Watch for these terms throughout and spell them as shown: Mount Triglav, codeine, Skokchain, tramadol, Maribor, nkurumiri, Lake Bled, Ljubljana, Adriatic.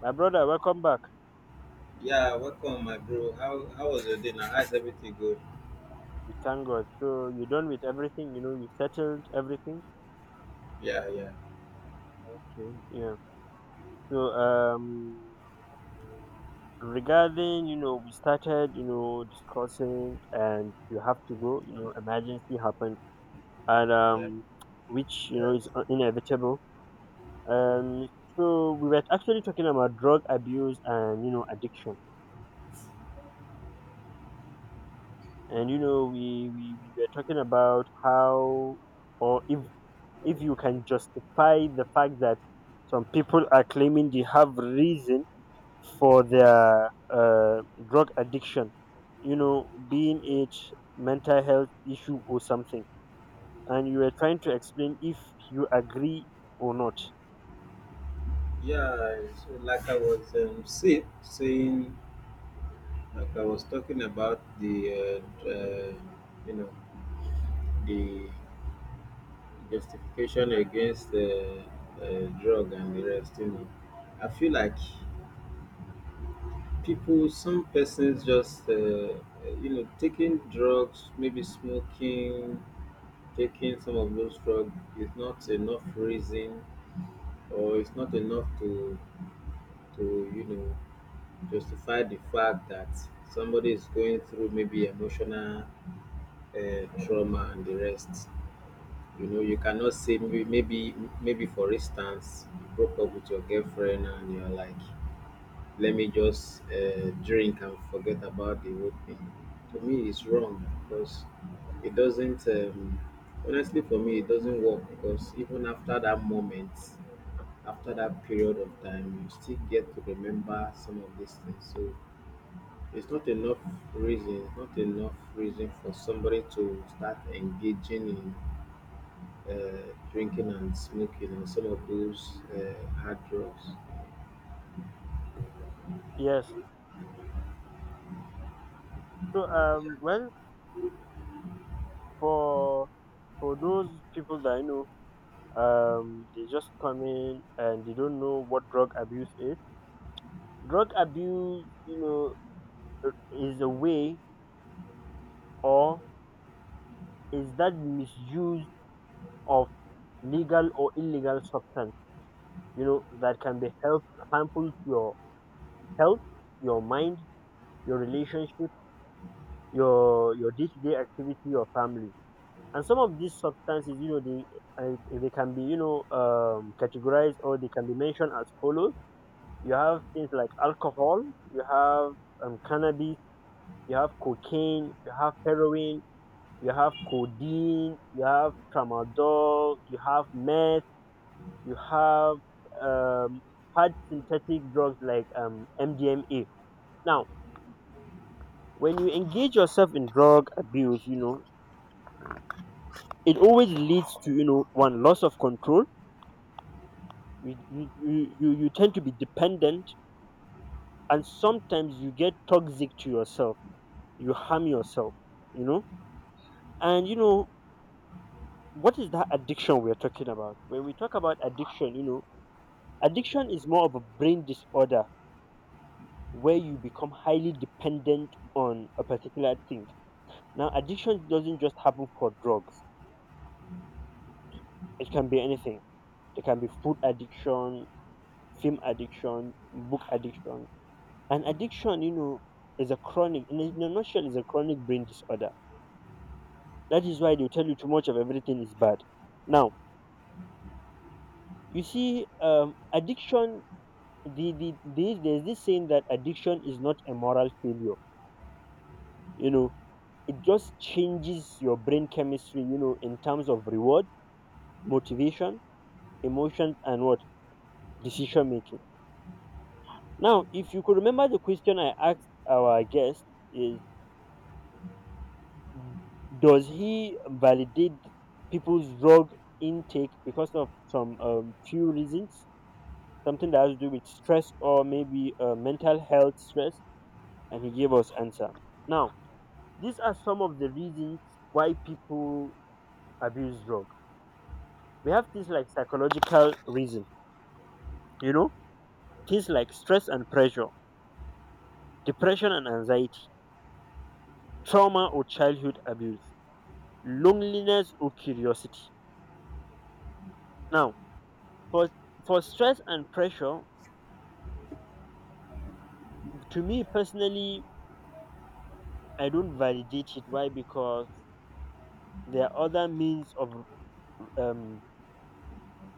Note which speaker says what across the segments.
Speaker 1: My brother, welcome back.
Speaker 2: Yeah, welcome, my bro. How was your day? Now, how's everything good?
Speaker 1: We thank God. So you done with everything, you settled everything.
Speaker 2: Yeah, yeah,
Speaker 1: Okay. Yeah. So regarding, we started, discussing and you have to go, emergency happened and
Speaker 2: yeah,
Speaker 1: which, is inevitable. Um so we were actually talking about drug abuse and, addiction. We were talking about how or if you can justify the fact that some people are claiming they have reason for their drug addiction, being it mental health issue or something, and you were trying to explain if you agree or not.
Speaker 2: yeah. So, like I was saying, like I was talking about the, you know, the justification against drug and the rest. You know, I feel like people, some persons just, you know, taking drugs, maybe smoking, taking some of those drugs is not enough reason or it's not enough to you know justify the fact that somebody is going through maybe emotional trauma and the rest. You know, you cannot say maybe for instance you broke up with your girlfriend and you're like, let me just drink and forget about the whole thing. To me, it's wrong because it doesn't. Honestly, for me, it doesn't work because even after that moment after that period of time you still get to remember some of these things so it's not enough it's not enough reason for somebody to start engaging in drinking and smoking and some of those hard drugs.
Speaker 1: Yes. So, well, for for those people that I know, they just come in and they don't know what drug abuse is. Drug abuse, is a way or is that misuse of legal or illegal substance, that can be help, harmful to your health, your mind, your relationship, your day to day activity, your family. And some of these substances, uh, they can be, categorized or they can be mentioned as follows. You have things like alcohol, you have cannabis, you have cocaine, you have heroin, you have codeine, you have tramadol, you have meth, you have um, hard synthetic drugs like MDMA. Now, when you engage yourself in drug abuse, it always leads to one loss of control. You tend to be dependent, and sometimes you get toxic to yourself. You harm yourself, you know. And you know what is that addiction we're talking about? When we talk about addiction, addiction is more of a brain disorder where you become highly dependent on a particular thing. Now, addiction doesn't just happen for drugs. It can be anything. It can be food addiction, film addiction, book addiction. And addiction, is a chronic, in a nutshell, is a chronic brain disorder. That is why they tell you too much of everything is bad. Now, you see, addiction, there's this saying that addiction is not a moral failure. You know, it just changes your brain chemistry, in terms of reward, motivation, emotion, and what? Decision making. Now, if you could remember the question I asked our guest is does he validate people's drug intake because of some few reasons, something that has to do with stress or maybe mental health stress, and he gave us answer. Now, these are some of the reasons why people abuse drug. We have things like psychological reason, you know, things like stress and pressure, depression and anxiety, trauma or childhood abuse, loneliness or curiosity. Now, for for stress and pressure, to me personally, I don't validate it. Why? Because there are other means of um,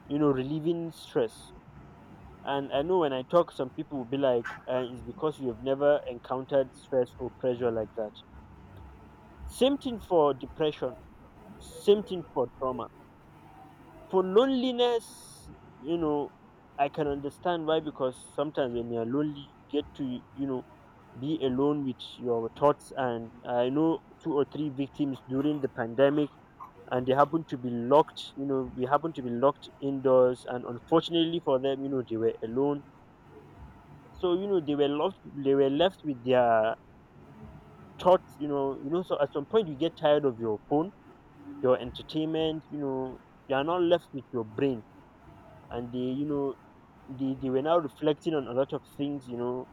Speaker 1: relieving stress. And I know when I talk, some people will be like, "It's because you have never encountered stress or pressure like that." Same thing for depression. Same thing for trauma. For loneliness, you know, I can understand why because sometimes when you're lonely, you get to, be alone with your thoughts. And I know two or three victims during the pandemic, and they happen to be locked, we happen to be locked indoors. And unfortunately for them, they were alone. So, they were left with their thoughts, so at some point you get tired of your phone, your entertainment, you are not left with your brain, and they you know they were now reflecting on a lot of things,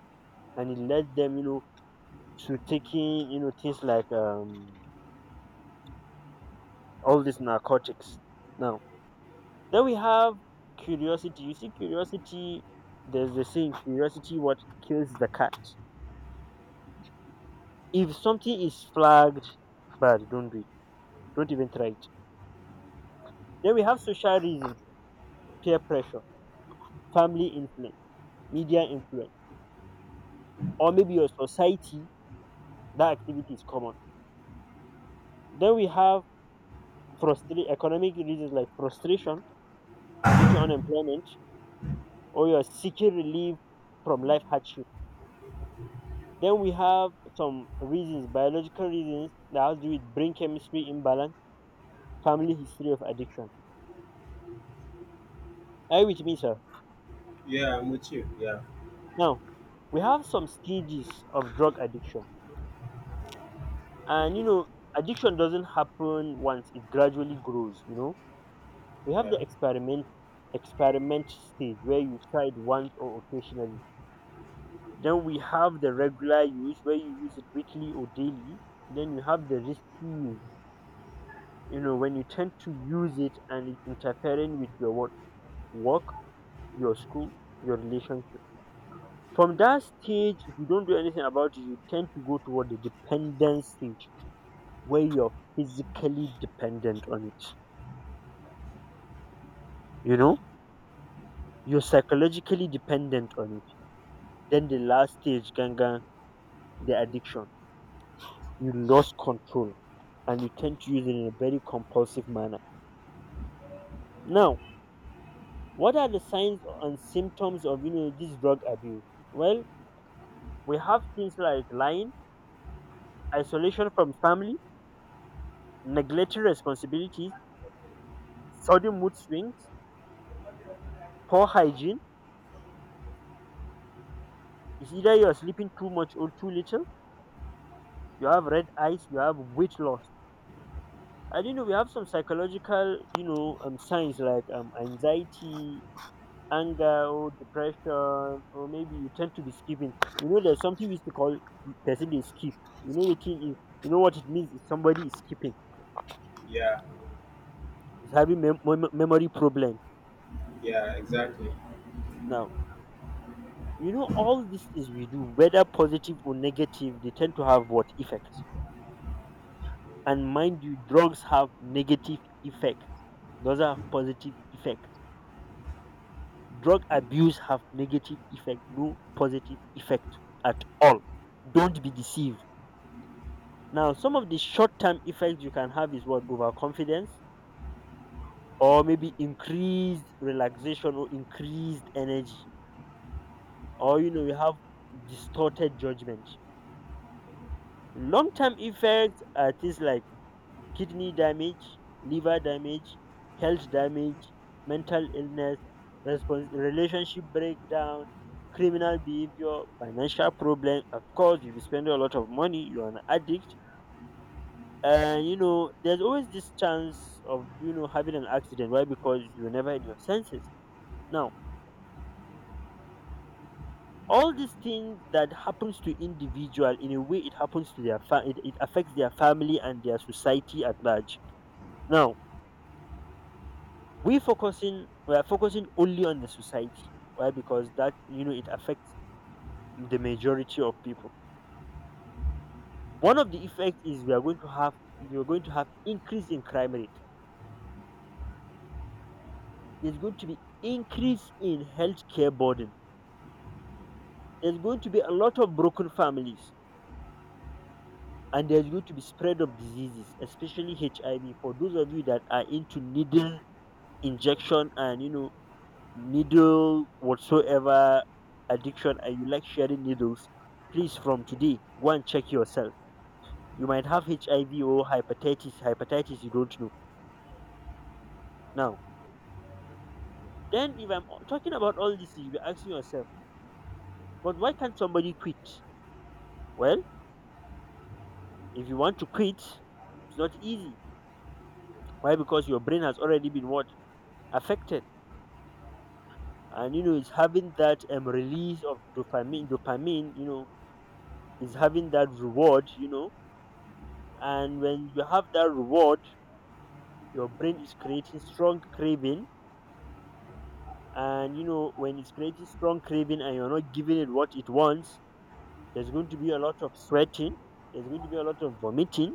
Speaker 1: and it led them, to taking, things like all these narcotics. Now, then we have curiosity. You see, curiosity, there's the saying, curiosity what kills the cat. If something is flagged bad, don't do it. Don't even try it. Then we have social reason, peer pressure, family influence, media influence, or maybe your society, that activity is common. Then we have frustrate economic reasons like frustration, due to unemployment or you're seeking relief from life hardship. Then we have some reasons, biological reasons that has to do with brain chemistry imbalance, family history of addiction. Are you with me, sir?
Speaker 2: Yeah, I'm with you. Yeah,
Speaker 1: Now, we have some stages of drug addiction. And you know, addiction doesn't happen once, it gradually grows. We have
Speaker 2: yeah,
Speaker 1: the experiment stage where you tried once or occasionally. Then we have the regular use where you use it weekly or daily. Then you have the risky use, when you tend to use it and it's interfering with your what, work, your school, your relationship. From that stage, if you don't do anything about it, you tend to go toward the dependence stage where you're physically dependent on it. You know, you're psychologically dependent on it. Then the last stage, ganga, the addiction. You lost control and you tend to use it in a very compulsive manner. Now, what are the signs and symptoms of this drug abuse? Well, we have things like lying, isolation from family, neglecting responsibilities, sudden mood swings, poor hygiene. It's either you're sleeping too much or too little. You have red eyes. You have weight loss. And we have some psychological signs like anxiety, anger, or depression, or maybe you tend to be skipping. You know there's something we used to call person is skip. You know what it is. You know what it means is somebody is skipping
Speaker 2: yeah,
Speaker 1: is having memory problem.
Speaker 2: yeah, exactly.
Speaker 1: Now, all these things we do, whether positive or negative, they tend to have what effects. And mind you, drugs have negative effects. Those are positive effects. Drug abuse have negative effect, no positive effect at all. Don't be deceived. Now, some of the short-term effects you can have is what overconfidence, or maybe increased relaxation or increased energy, or you have distorted judgment. Long term effects are things like kidney damage, liver damage, health damage, mental illness, relationship breakdown, criminal behavior, financial problem. Of course, you'll be spending a lot of money, you're an addict. And there's always this chance of having an accident. Why? Because you're never in your senses. Now, all these things that happens to individual, in a way it happens to their it affects their family and their society at large. Now, we are focusing only on the society. Why? Because that it affects the majority of people. One of the effects is, we are going to have you're going to have increase in crime rate. There's going to be increase in healthcare burden. There's going to be a lot of broken families. And there's going to be spread of diseases, especially HIV. For those of you that are into needle injection and needle whatsoever addiction and you like sharing needles, please from today go and check yourself. You might have HIV or hepatitis, hepatitis you don't know. Now, then if I'm talking about all this, you'll be asking yourself, but why can't somebody quit? Well, if you want to quit, it's not easy. Why? Because your brain has already been what? Affected. And it's having that release of dopamine, is having that reward. And when you have that reward, your brain is creating strong craving. And when it's creating strong craving and you're not giving it what it wants, there's going to be a lot of sweating. There's going to be a lot of vomiting.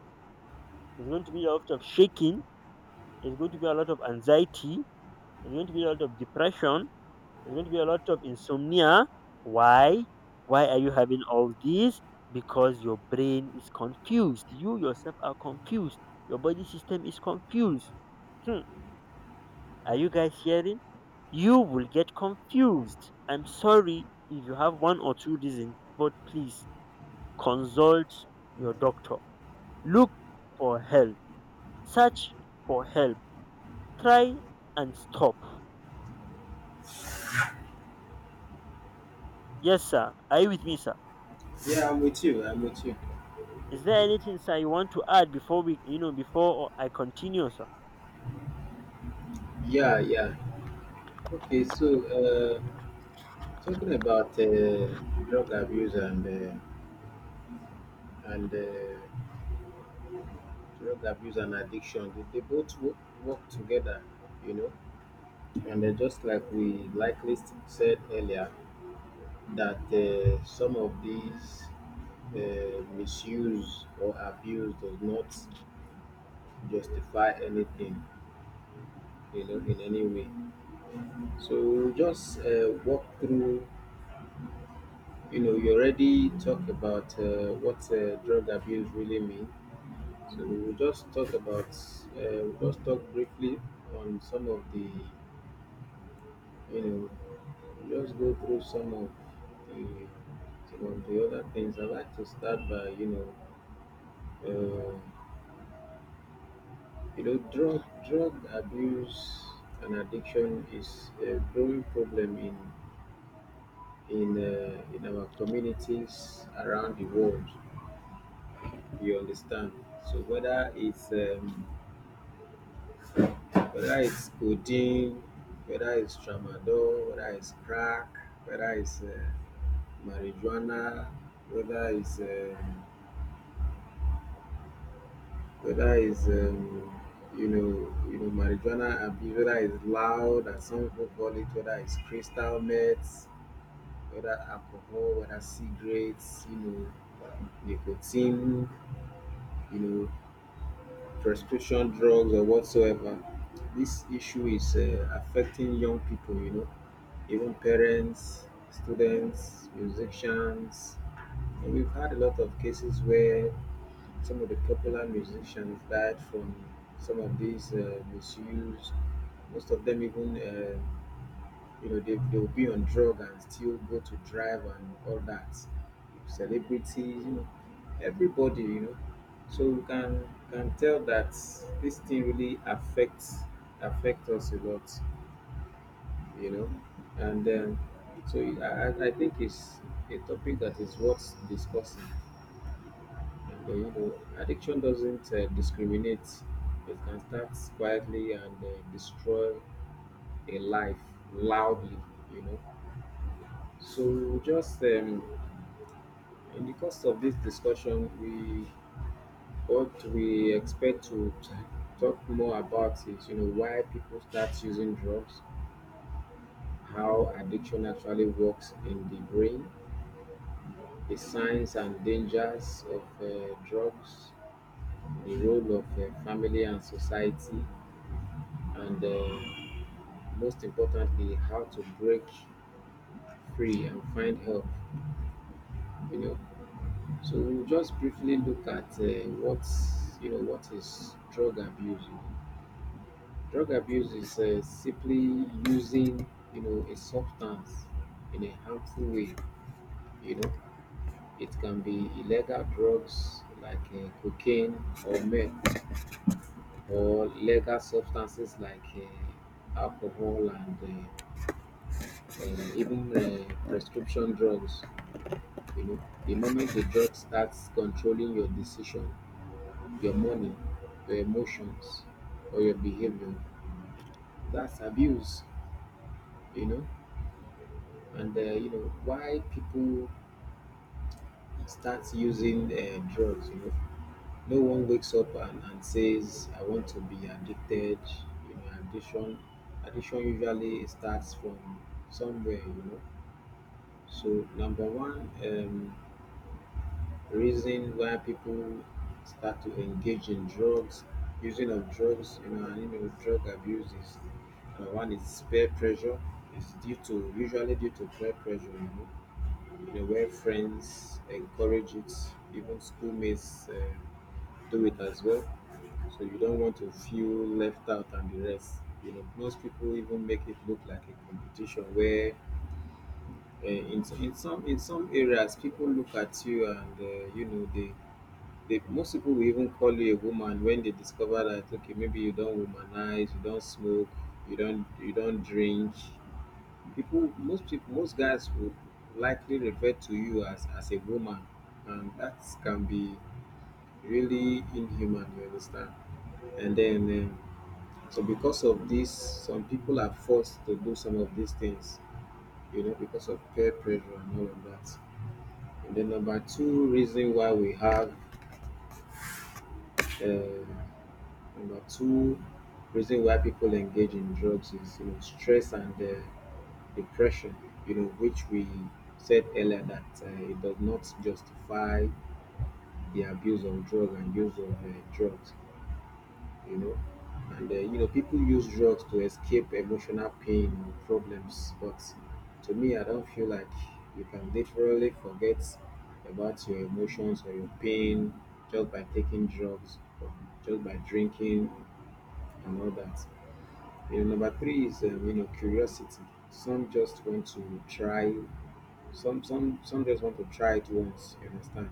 Speaker 1: There's going to be a lot of shaking. There's going to be a lot of anxiety. There's going to be a lot of depression. There's going to be a lot of insomnia. Why why are you having all these? Because your brain is confused, you yourself are confused, your body system is confused. hmm. Are you guys hearing? You will get confused. I'm sorry if you have one or two reasons, but please consult your doctor. Look for help. Search for help. Try and stop. Yes, sir. Are you with me, sir?
Speaker 2: Yeah, I'm with you. I'm with you.
Speaker 1: Is there anything, sir, you want to add before we, you know, before I continue, sir?
Speaker 2: Yeah, yeah, okay, so uh, talking about drug abuse and drug abuse and addiction, they work together, you know. And just like we likely said earlier that some of these misuse or abuse does not justify anything, you know, in any way. So we'll just walk through, you know, you already talked about what drug abuse really means, so we'll just talk about we'll just talk briefly on some of the you know, just go through the some of the other things. I like to start by uh, you know, drug abuse and addiction is a growing problem in our communities around the world. You understand? So whether it's codeine, whether it's tramadol, whether it's crack, whether it's marijuana, whether it's um, whether it's you know marijuana abuse, whether it's loud as some people call it, whether it's crystal meth, whether alcohol, whether cigarettes, you know nicotine, you know prescription drugs or whatsoever. This issue is affecting young people, you know, even parents, students, musicians. And we've had a lot of cases where some of the popular musicians died from some of these misuse. Most of them even, you know, they'll be on drug and still go to drive and all that. Celebrities, you know, everybody, you know. So you can tell that this thing really affects affect us a lot, you know. And so I think it's a topic that is worth discussing. But you know, addiction doesn't discriminate. It can start quietly and destroy a life loudly. You know. So just in the course of this discussion, we what we expect to talk more about is you know why people start using drugs, how addiction actually works in the brain, the signs and dangers of drugs, the role of family and society, and most importantly how to break free and find help, you know. So we'll just briefly look at what you know what is drug abuse you know. Drug abuse is simply using you know a substance in a harmful way, you know. It can be illegal drugs like cocaine or meth or legal substances like alcohol and even prescription drugs. You know, the moment the drug starts controlling your decision, your money, your emotions, or your behavior, that's abuse. You know, and you know why people start using drugs. You know, no one wakes up and says, "I want to be addicted." You know, addiction usually starts from somewhere. You know, so number one. Reason why people start to engage in drugs, using of drugs, you know, and you know, drug abuse is one is peer pressure. It's due to usually due to peer pressure, you know where friends encourage it, even schoolmates do it as well. So you don't want to feel left out and the rest. You know, most people even make it look like a competition where in some areas people look at you and you know most people will even call you a woman when they discover that okay, maybe you don't womanize, you don't smoke, you don't drink. People, most guys would likely refer to you as a woman, and that can be really inhuman. You understand? And then, so because of this, some people are forced to do some of these things, you know, because of peer pressure and all of that. And then number two reason why we have. Uh, Number two reason why people engage in drugs is you know stress and depression. You know which we said earlier that it does not justify the abuse of drug and use of drugs. You know, and you know people use drugs to escape emotional pain or problems. But to me, I don't feel like you can literally forget about your emotions or your pain just by taking drugs, or just by drinking and all that. You know, number three is you know curiosity. Some just want to try. Some just want to try it once. You understand?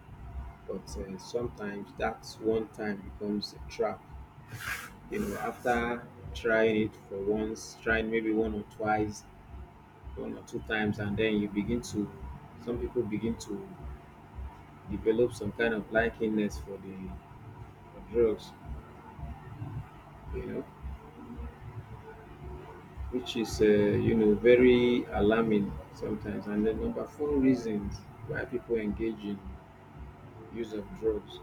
Speaker 2: But sometimes that one time becomes a trap. You know, after trying it for once, trying maybe one or twice, one or two times, and then you begin to. Some people begin to develop some kind of likiness for the for drugs. You know, which is, you know, very alarming sometimes. And the number four reasons why people engage in use of drugs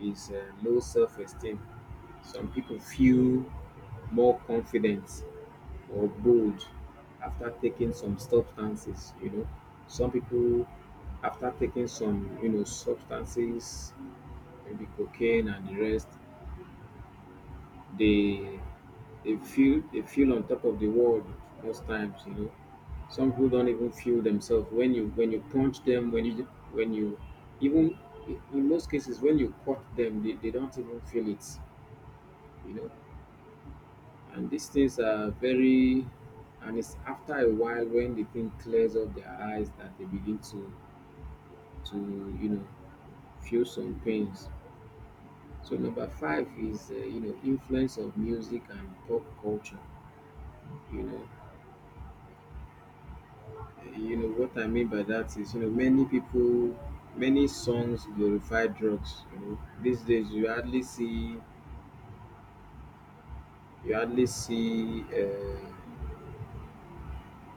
Speaker 2: is low self-esteem. Some people feel more confident or bold after taking some substances. You know, some people after taking some, you know, substances, maybe cocaine and the rest, they they feel on top of the world most times, you know. Some people don't even feel themselves when you punch them when you even in most cases when you cut them they don't even feel it, you know. And these things are very and it's after a while when the thing clears up their eyes that they begin to you know feel some pains. So number five is you know influence of music and pop culture, you know. You know what I mean by that is, you know, many people, many songs glorify drugs. You know, these days you hardly see, uh,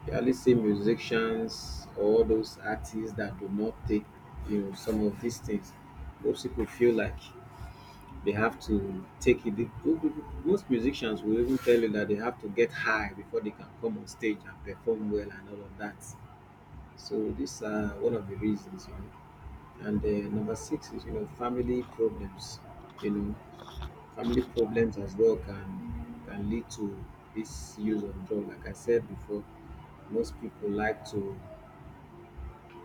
Speaker 2: you hardly see musicians or those artists that do not take, you know, some of these things. Most people feel like they have to take it. They- Most musicians will even tell you that they have to get high before they can come on stage and perform well and all of that. So these are one of the reasons. You know. And number six is you know family problems. You know, family problems as well can lead to this use of drug. Like I said before, most people like to,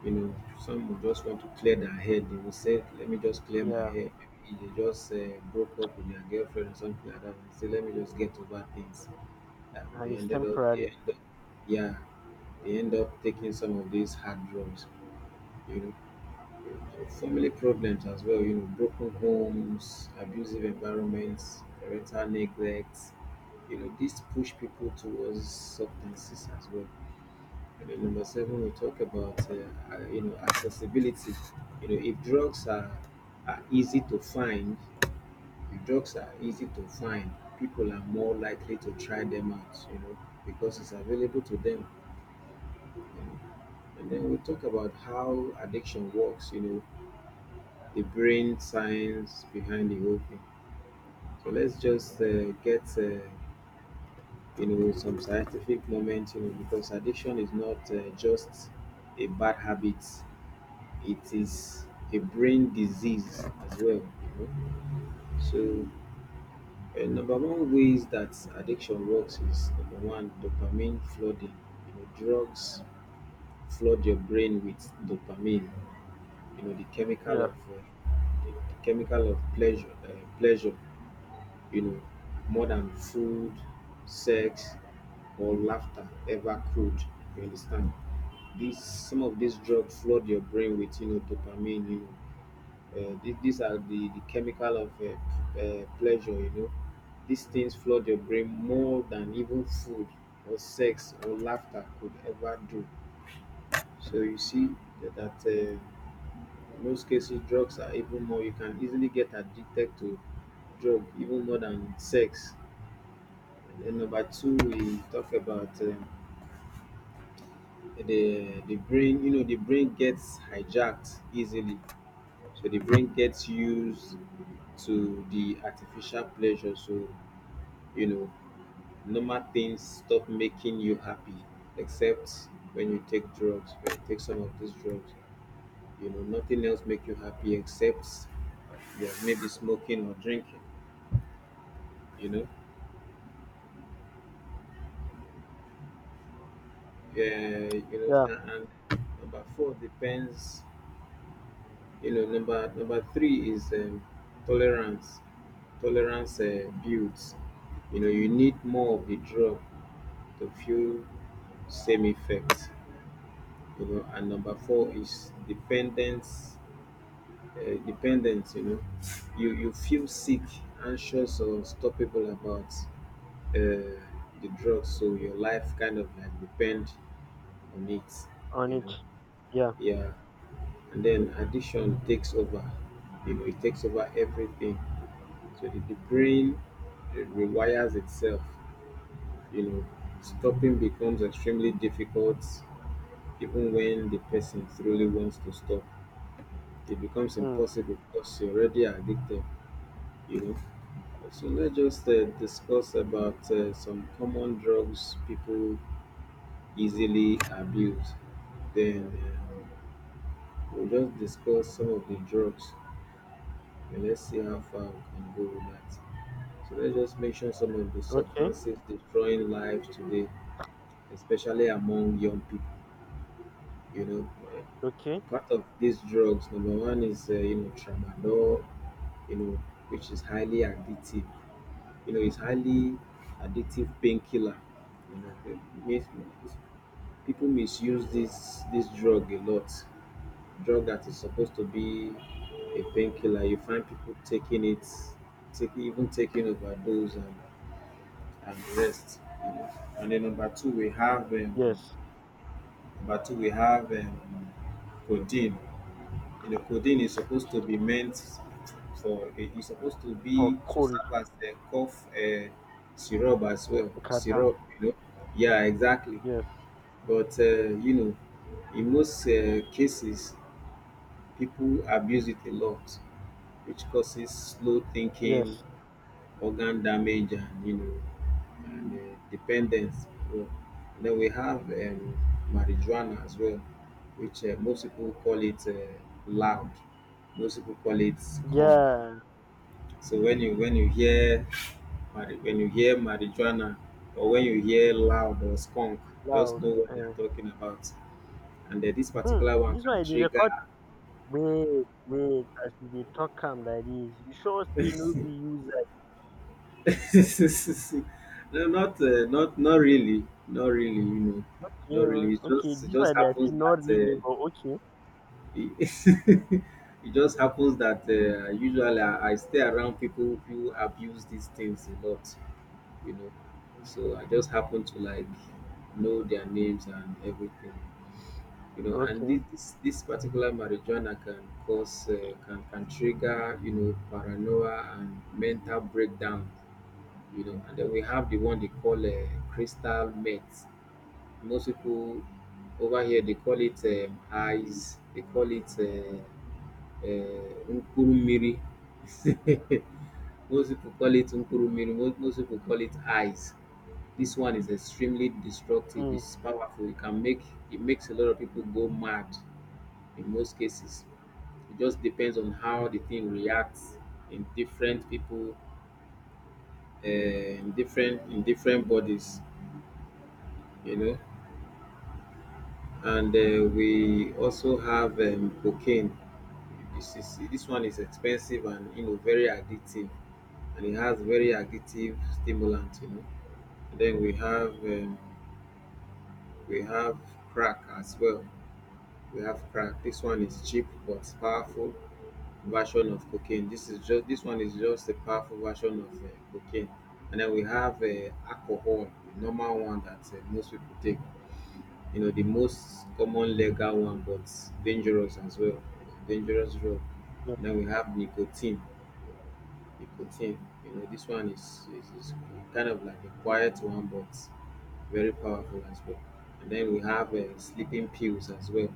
Speaker 2: you know, some will just want to clear their head. They will say, "Let me just clear my
Speaker 1: Yeah,
Speaker 2: head." Maybe they just broke up with their girlfriend or something like that, and say, "Let me just get over things." And
Speaker 1: and it's
Speaker 2: they
Speaker 1: temporary.
Speaker 2: end up, yeah, they end up taking some of these hard drugs. You know, family problems as well, you know, broken homes, abusive environments, parental neglect, you know, this push people towards substances as well. And then number seven, we talk about, you know, accessibility. You know, if drugs are easy to find, if drugs are easy to find, people are more likely to try them out, you know, because it's available to them. You know. And then we talk about how addiction works, you know, the brain science behind the whole thing. So let's just get you know some scientific moment, you know, because addiction is not just a bad habit; it is a brain disease as well. You know, so. Number one ways that addiction works is number one dopamine flooding. You know, drugs flood your brain with dopamine. You know,
Speaker 1: Yeah,
Speaker 2: the chemical of pleasure, pleasure, you know, more than food, sex, or laughter ever could. You understand? These some of these drugs flood your brain with you know dopamine. You know, these are the chemical of pleasure. You know, these things flood your brain more than even food or sex or laughter could ever do. So you see that in most cases drugs are even more. You can easily get addicted to drug even more than sex, and then number two, we talk about the brain. You know, the brain gets hijacked easily, so the brain gets used to the artificial pleasure. So, you know, normal things stop making you happy, except when you take drugs. When you take some of these drugs, you know, nothing else make you happy except yeah, maybe smoking or drinking. You know, yeah, you
Speaker 1: yeah,
Speaker 2: know, and number four depends, you know, number three is tolerance. Tolerance builds, you know, you need more of the drug to feel same effect, you know, and number four is dependence. Dependence, you know, you feel sick, anxious or unstoppable about uh, the drug, so your life kind of like depend on it,
Speaker 1: on
Speaker 2: you
Speaker 1: it.
Speaker 2: know.
Speaker 1: Yeah.
Speaker 2: Yeah, and then addiction takes over, you know, it takes over everything. So if the brain rewires itself, you know, stopping becomes extremely difficult even when the person truly wants to stop. It becomes
Speaker 1: Mm.
Speaker 2: impossible because you're already addicted, you know. So let's just discuss about some common drugs people easily abuse. Then we'll just discuss some of the drugs and let's see how far we can go with that. So let's just mention some of the
Speaker 1: Okay.
Speaker 2: substances destroying lives today, especially among young people. You know.
Speaker 1: Okay.
Speaker 2: Part of these drugs, number one is you know, tramadol, you know, which is highly addictive. You know, it's highly addictive painkiller. You know, it mis- people misuse this drug a lot. Drug that is supposed to be a painkiller. You find people taking it, take, even taking overdose and rest. You know. And then number two, we have
Speaker 1: Yes.
Speaker 2: number two, we have codeine. You know, codeine is supposed to be meant for, it is supposed to
Speaker 1: For
Speaker 2: be to
Speaker 1: cold,
Speaker 2: serve as a cough syrup as well.
Speaker 1: kata.
Speaker 2: Syrup, you know. Yeah, exactly.
Speaker 1: Yes.
Speaker 2: But you know, in most cases, people abuse it a lot, which causes slow thinking,
Speaker 1: Yes.
Speaker 2: organ damage and, you know, and dependence. So, and then we have marijuana as well, which most people call it loud. Most people call it skunk.
Speaker 1: Yeah.
Speaker 2: So when you, when you hear when you hear marijuana or when you hear loud or skunk, just
Speaker 1: Loud.
Speaker 2: know what they are
Speaker 1: um.
Speaker 2: talking about. And this
Speaker 1: Hmm.
Speaker 2: particular one
Speaker 1: This one
Speaker 2: can
Speaker 1: you dey
Speaker 2: trigger
Speaker 1: record? Wait, wait, as you dey talk am like this. You sure say no be you zai?
Speaker 2: no, not not really, not really. You know,
Speaker 1: Okay
Speaker 2: not
Speaker 1: o,
Speaker 2: really. It
Speaker 1: okay
Speaker 2: just, it
Speaker 1: dis
Speaker 2: just
Speaker 1: one na say
Speaker 2: happens
Speaker 1: not
Speaker 2: that
Speaker 1: really but okay,
Speaker 2: it, it just happens that usually I stay around people who abuse these things a lot. You know, so I just happen to like know their names and everything. You know, and
Speaker 1: okay.
Speaker 2: this particular marijuana can cause can trigger, you know, paranoia and mental breakdown, you know. And then we have the one they call crystal meth. Most people over here they call it eyes. They call it nkurumiri. Most people call it nkurumiri. Most people call it eyes. This one is extremely destructive.
Speaker 1: um
Speaker 2: It's powerful. It can make, it makes a lot of people go mad in most cases. It just depends on how the thing reacts in different people, in different, in different bodies, you know. And we also have cocaine. This is, this one is expensive and, you know, very addictive, and it has very addictive stimulant, you know. And then we have crack as well. We have crack. This one is cheap but powerful version of cocaine. This is just, this one is just a powerful version of cocaine. And then we have alcohol, the normal one that most people take, you know, the most common legal one, but dangerous as well, dangerous drug.
Speaker 1: yes.
Speaker 2: Then we have nicotine, nicotine. You know, this one is, is kind of like a quiet one, but very powerful as well. And then we have sleeping pills as well,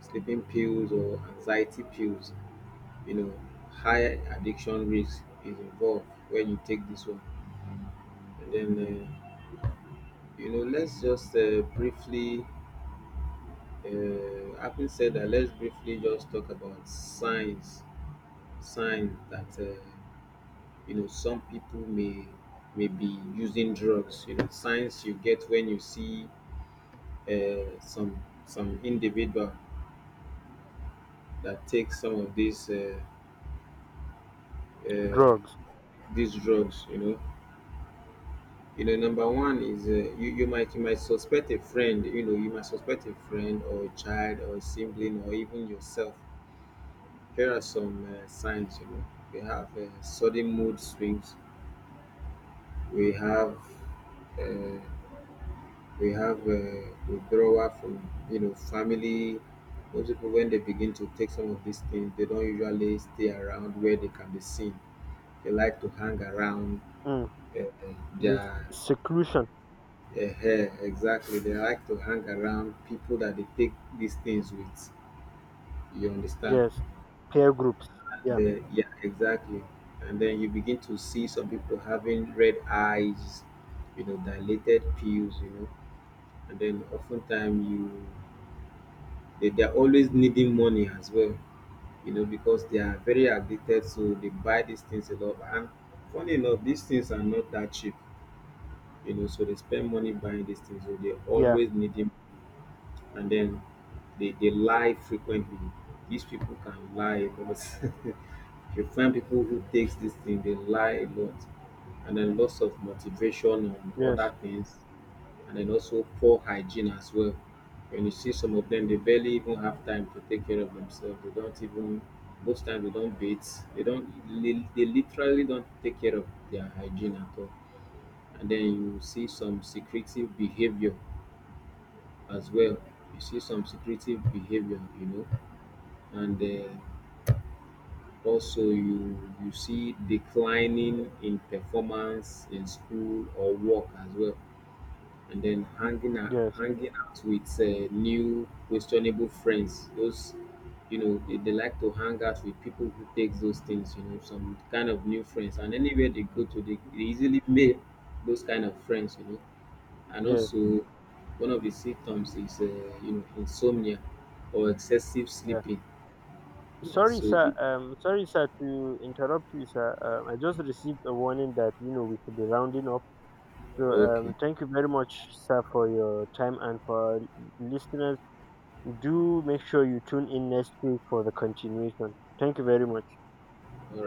Speaker 2: sleeping pills or anxiety pills, you know, higher addiction risk is involved when you take this one. And then you know, let's just briefly, having said that, let's briefly just talk about signs, signs that you know, some people may be using drugs. You know, signs you get when you see some individual that takes some of uh,
Speaker 1: Drugs.
Speaker 2: these drugs. You know, you know, number one is you, you might suspect a friend. You know, you might suspect a friend or a child or a sibling or even yourself. Here are some signs. You know, we have sudden mood swings. We have uh, we have withdrawal from, you know, family. Most people when they begin to take some of these things, they don't usually stay around where they can be seen. They like to hang around
Speaker 1: um
Speaker 2: uh, uh,
Speaker 1: yes,
Speaker 2: their
Speaker 1: seclusion.
Speaker 2: hair. Exactly, they like to hang around people that they take these things with. You understand?
Speaker 1: Yes, peer groups. Yeah,
Speaker 2: The yeah, exactly. And then you begin to see some people having red eyes, you know, dilated pupils, you know, and then oftentimes you, they, they're always needing money as well, you know, because they are very addicted, so they buy these things a lot. And funny enough, these things are not that cheap, you know, so they spend money buying these things, so they
Speaker 1: yeah.
Speaker 2: always need them, and then they lie frequently. These people can lie, but you find people who takes this thing, they lie a lot, and then lots of motivation on
Speaker 1: Yes.
Speaker 2: other things, and then also poor hygiene as well. When you see some of them, they barely even have time to take care of themselves. They don't even, most times they don't bathe. They don't li- they literally don't take care of their hygiene at all. And then you see some secretive behavior as well. You see some secretive behavior, you know. And also, you see declining in performance in school or work as well, and then
Speaker 1: Yes.
Speaker 2: hanging out with new questionable friends. Those, you know, they like to hang out with people who take those things. You know, some kind of new friends, and anywhere they go to, they easily make those kind of friends. You know, and
Speaker 1: Yes.
Speaker 2: also one of the symptoms is you know, insomnia or excessive
Speaker 1: Yeah.
Speaker 2: sleeping. Yeah.
Speaker 1: Sorry
Speaker 2: So
Speaker 1: sir um sorry sir to interrupt you, sir. I just received a warning that we should be rounding up. So
Speaker 2: okay.
Speaker 1: um, thank you very much, sir, for your time and for our listeners. Do make sure you tune in next week for the continuation. Thank you very much.
Speaker 2: All right.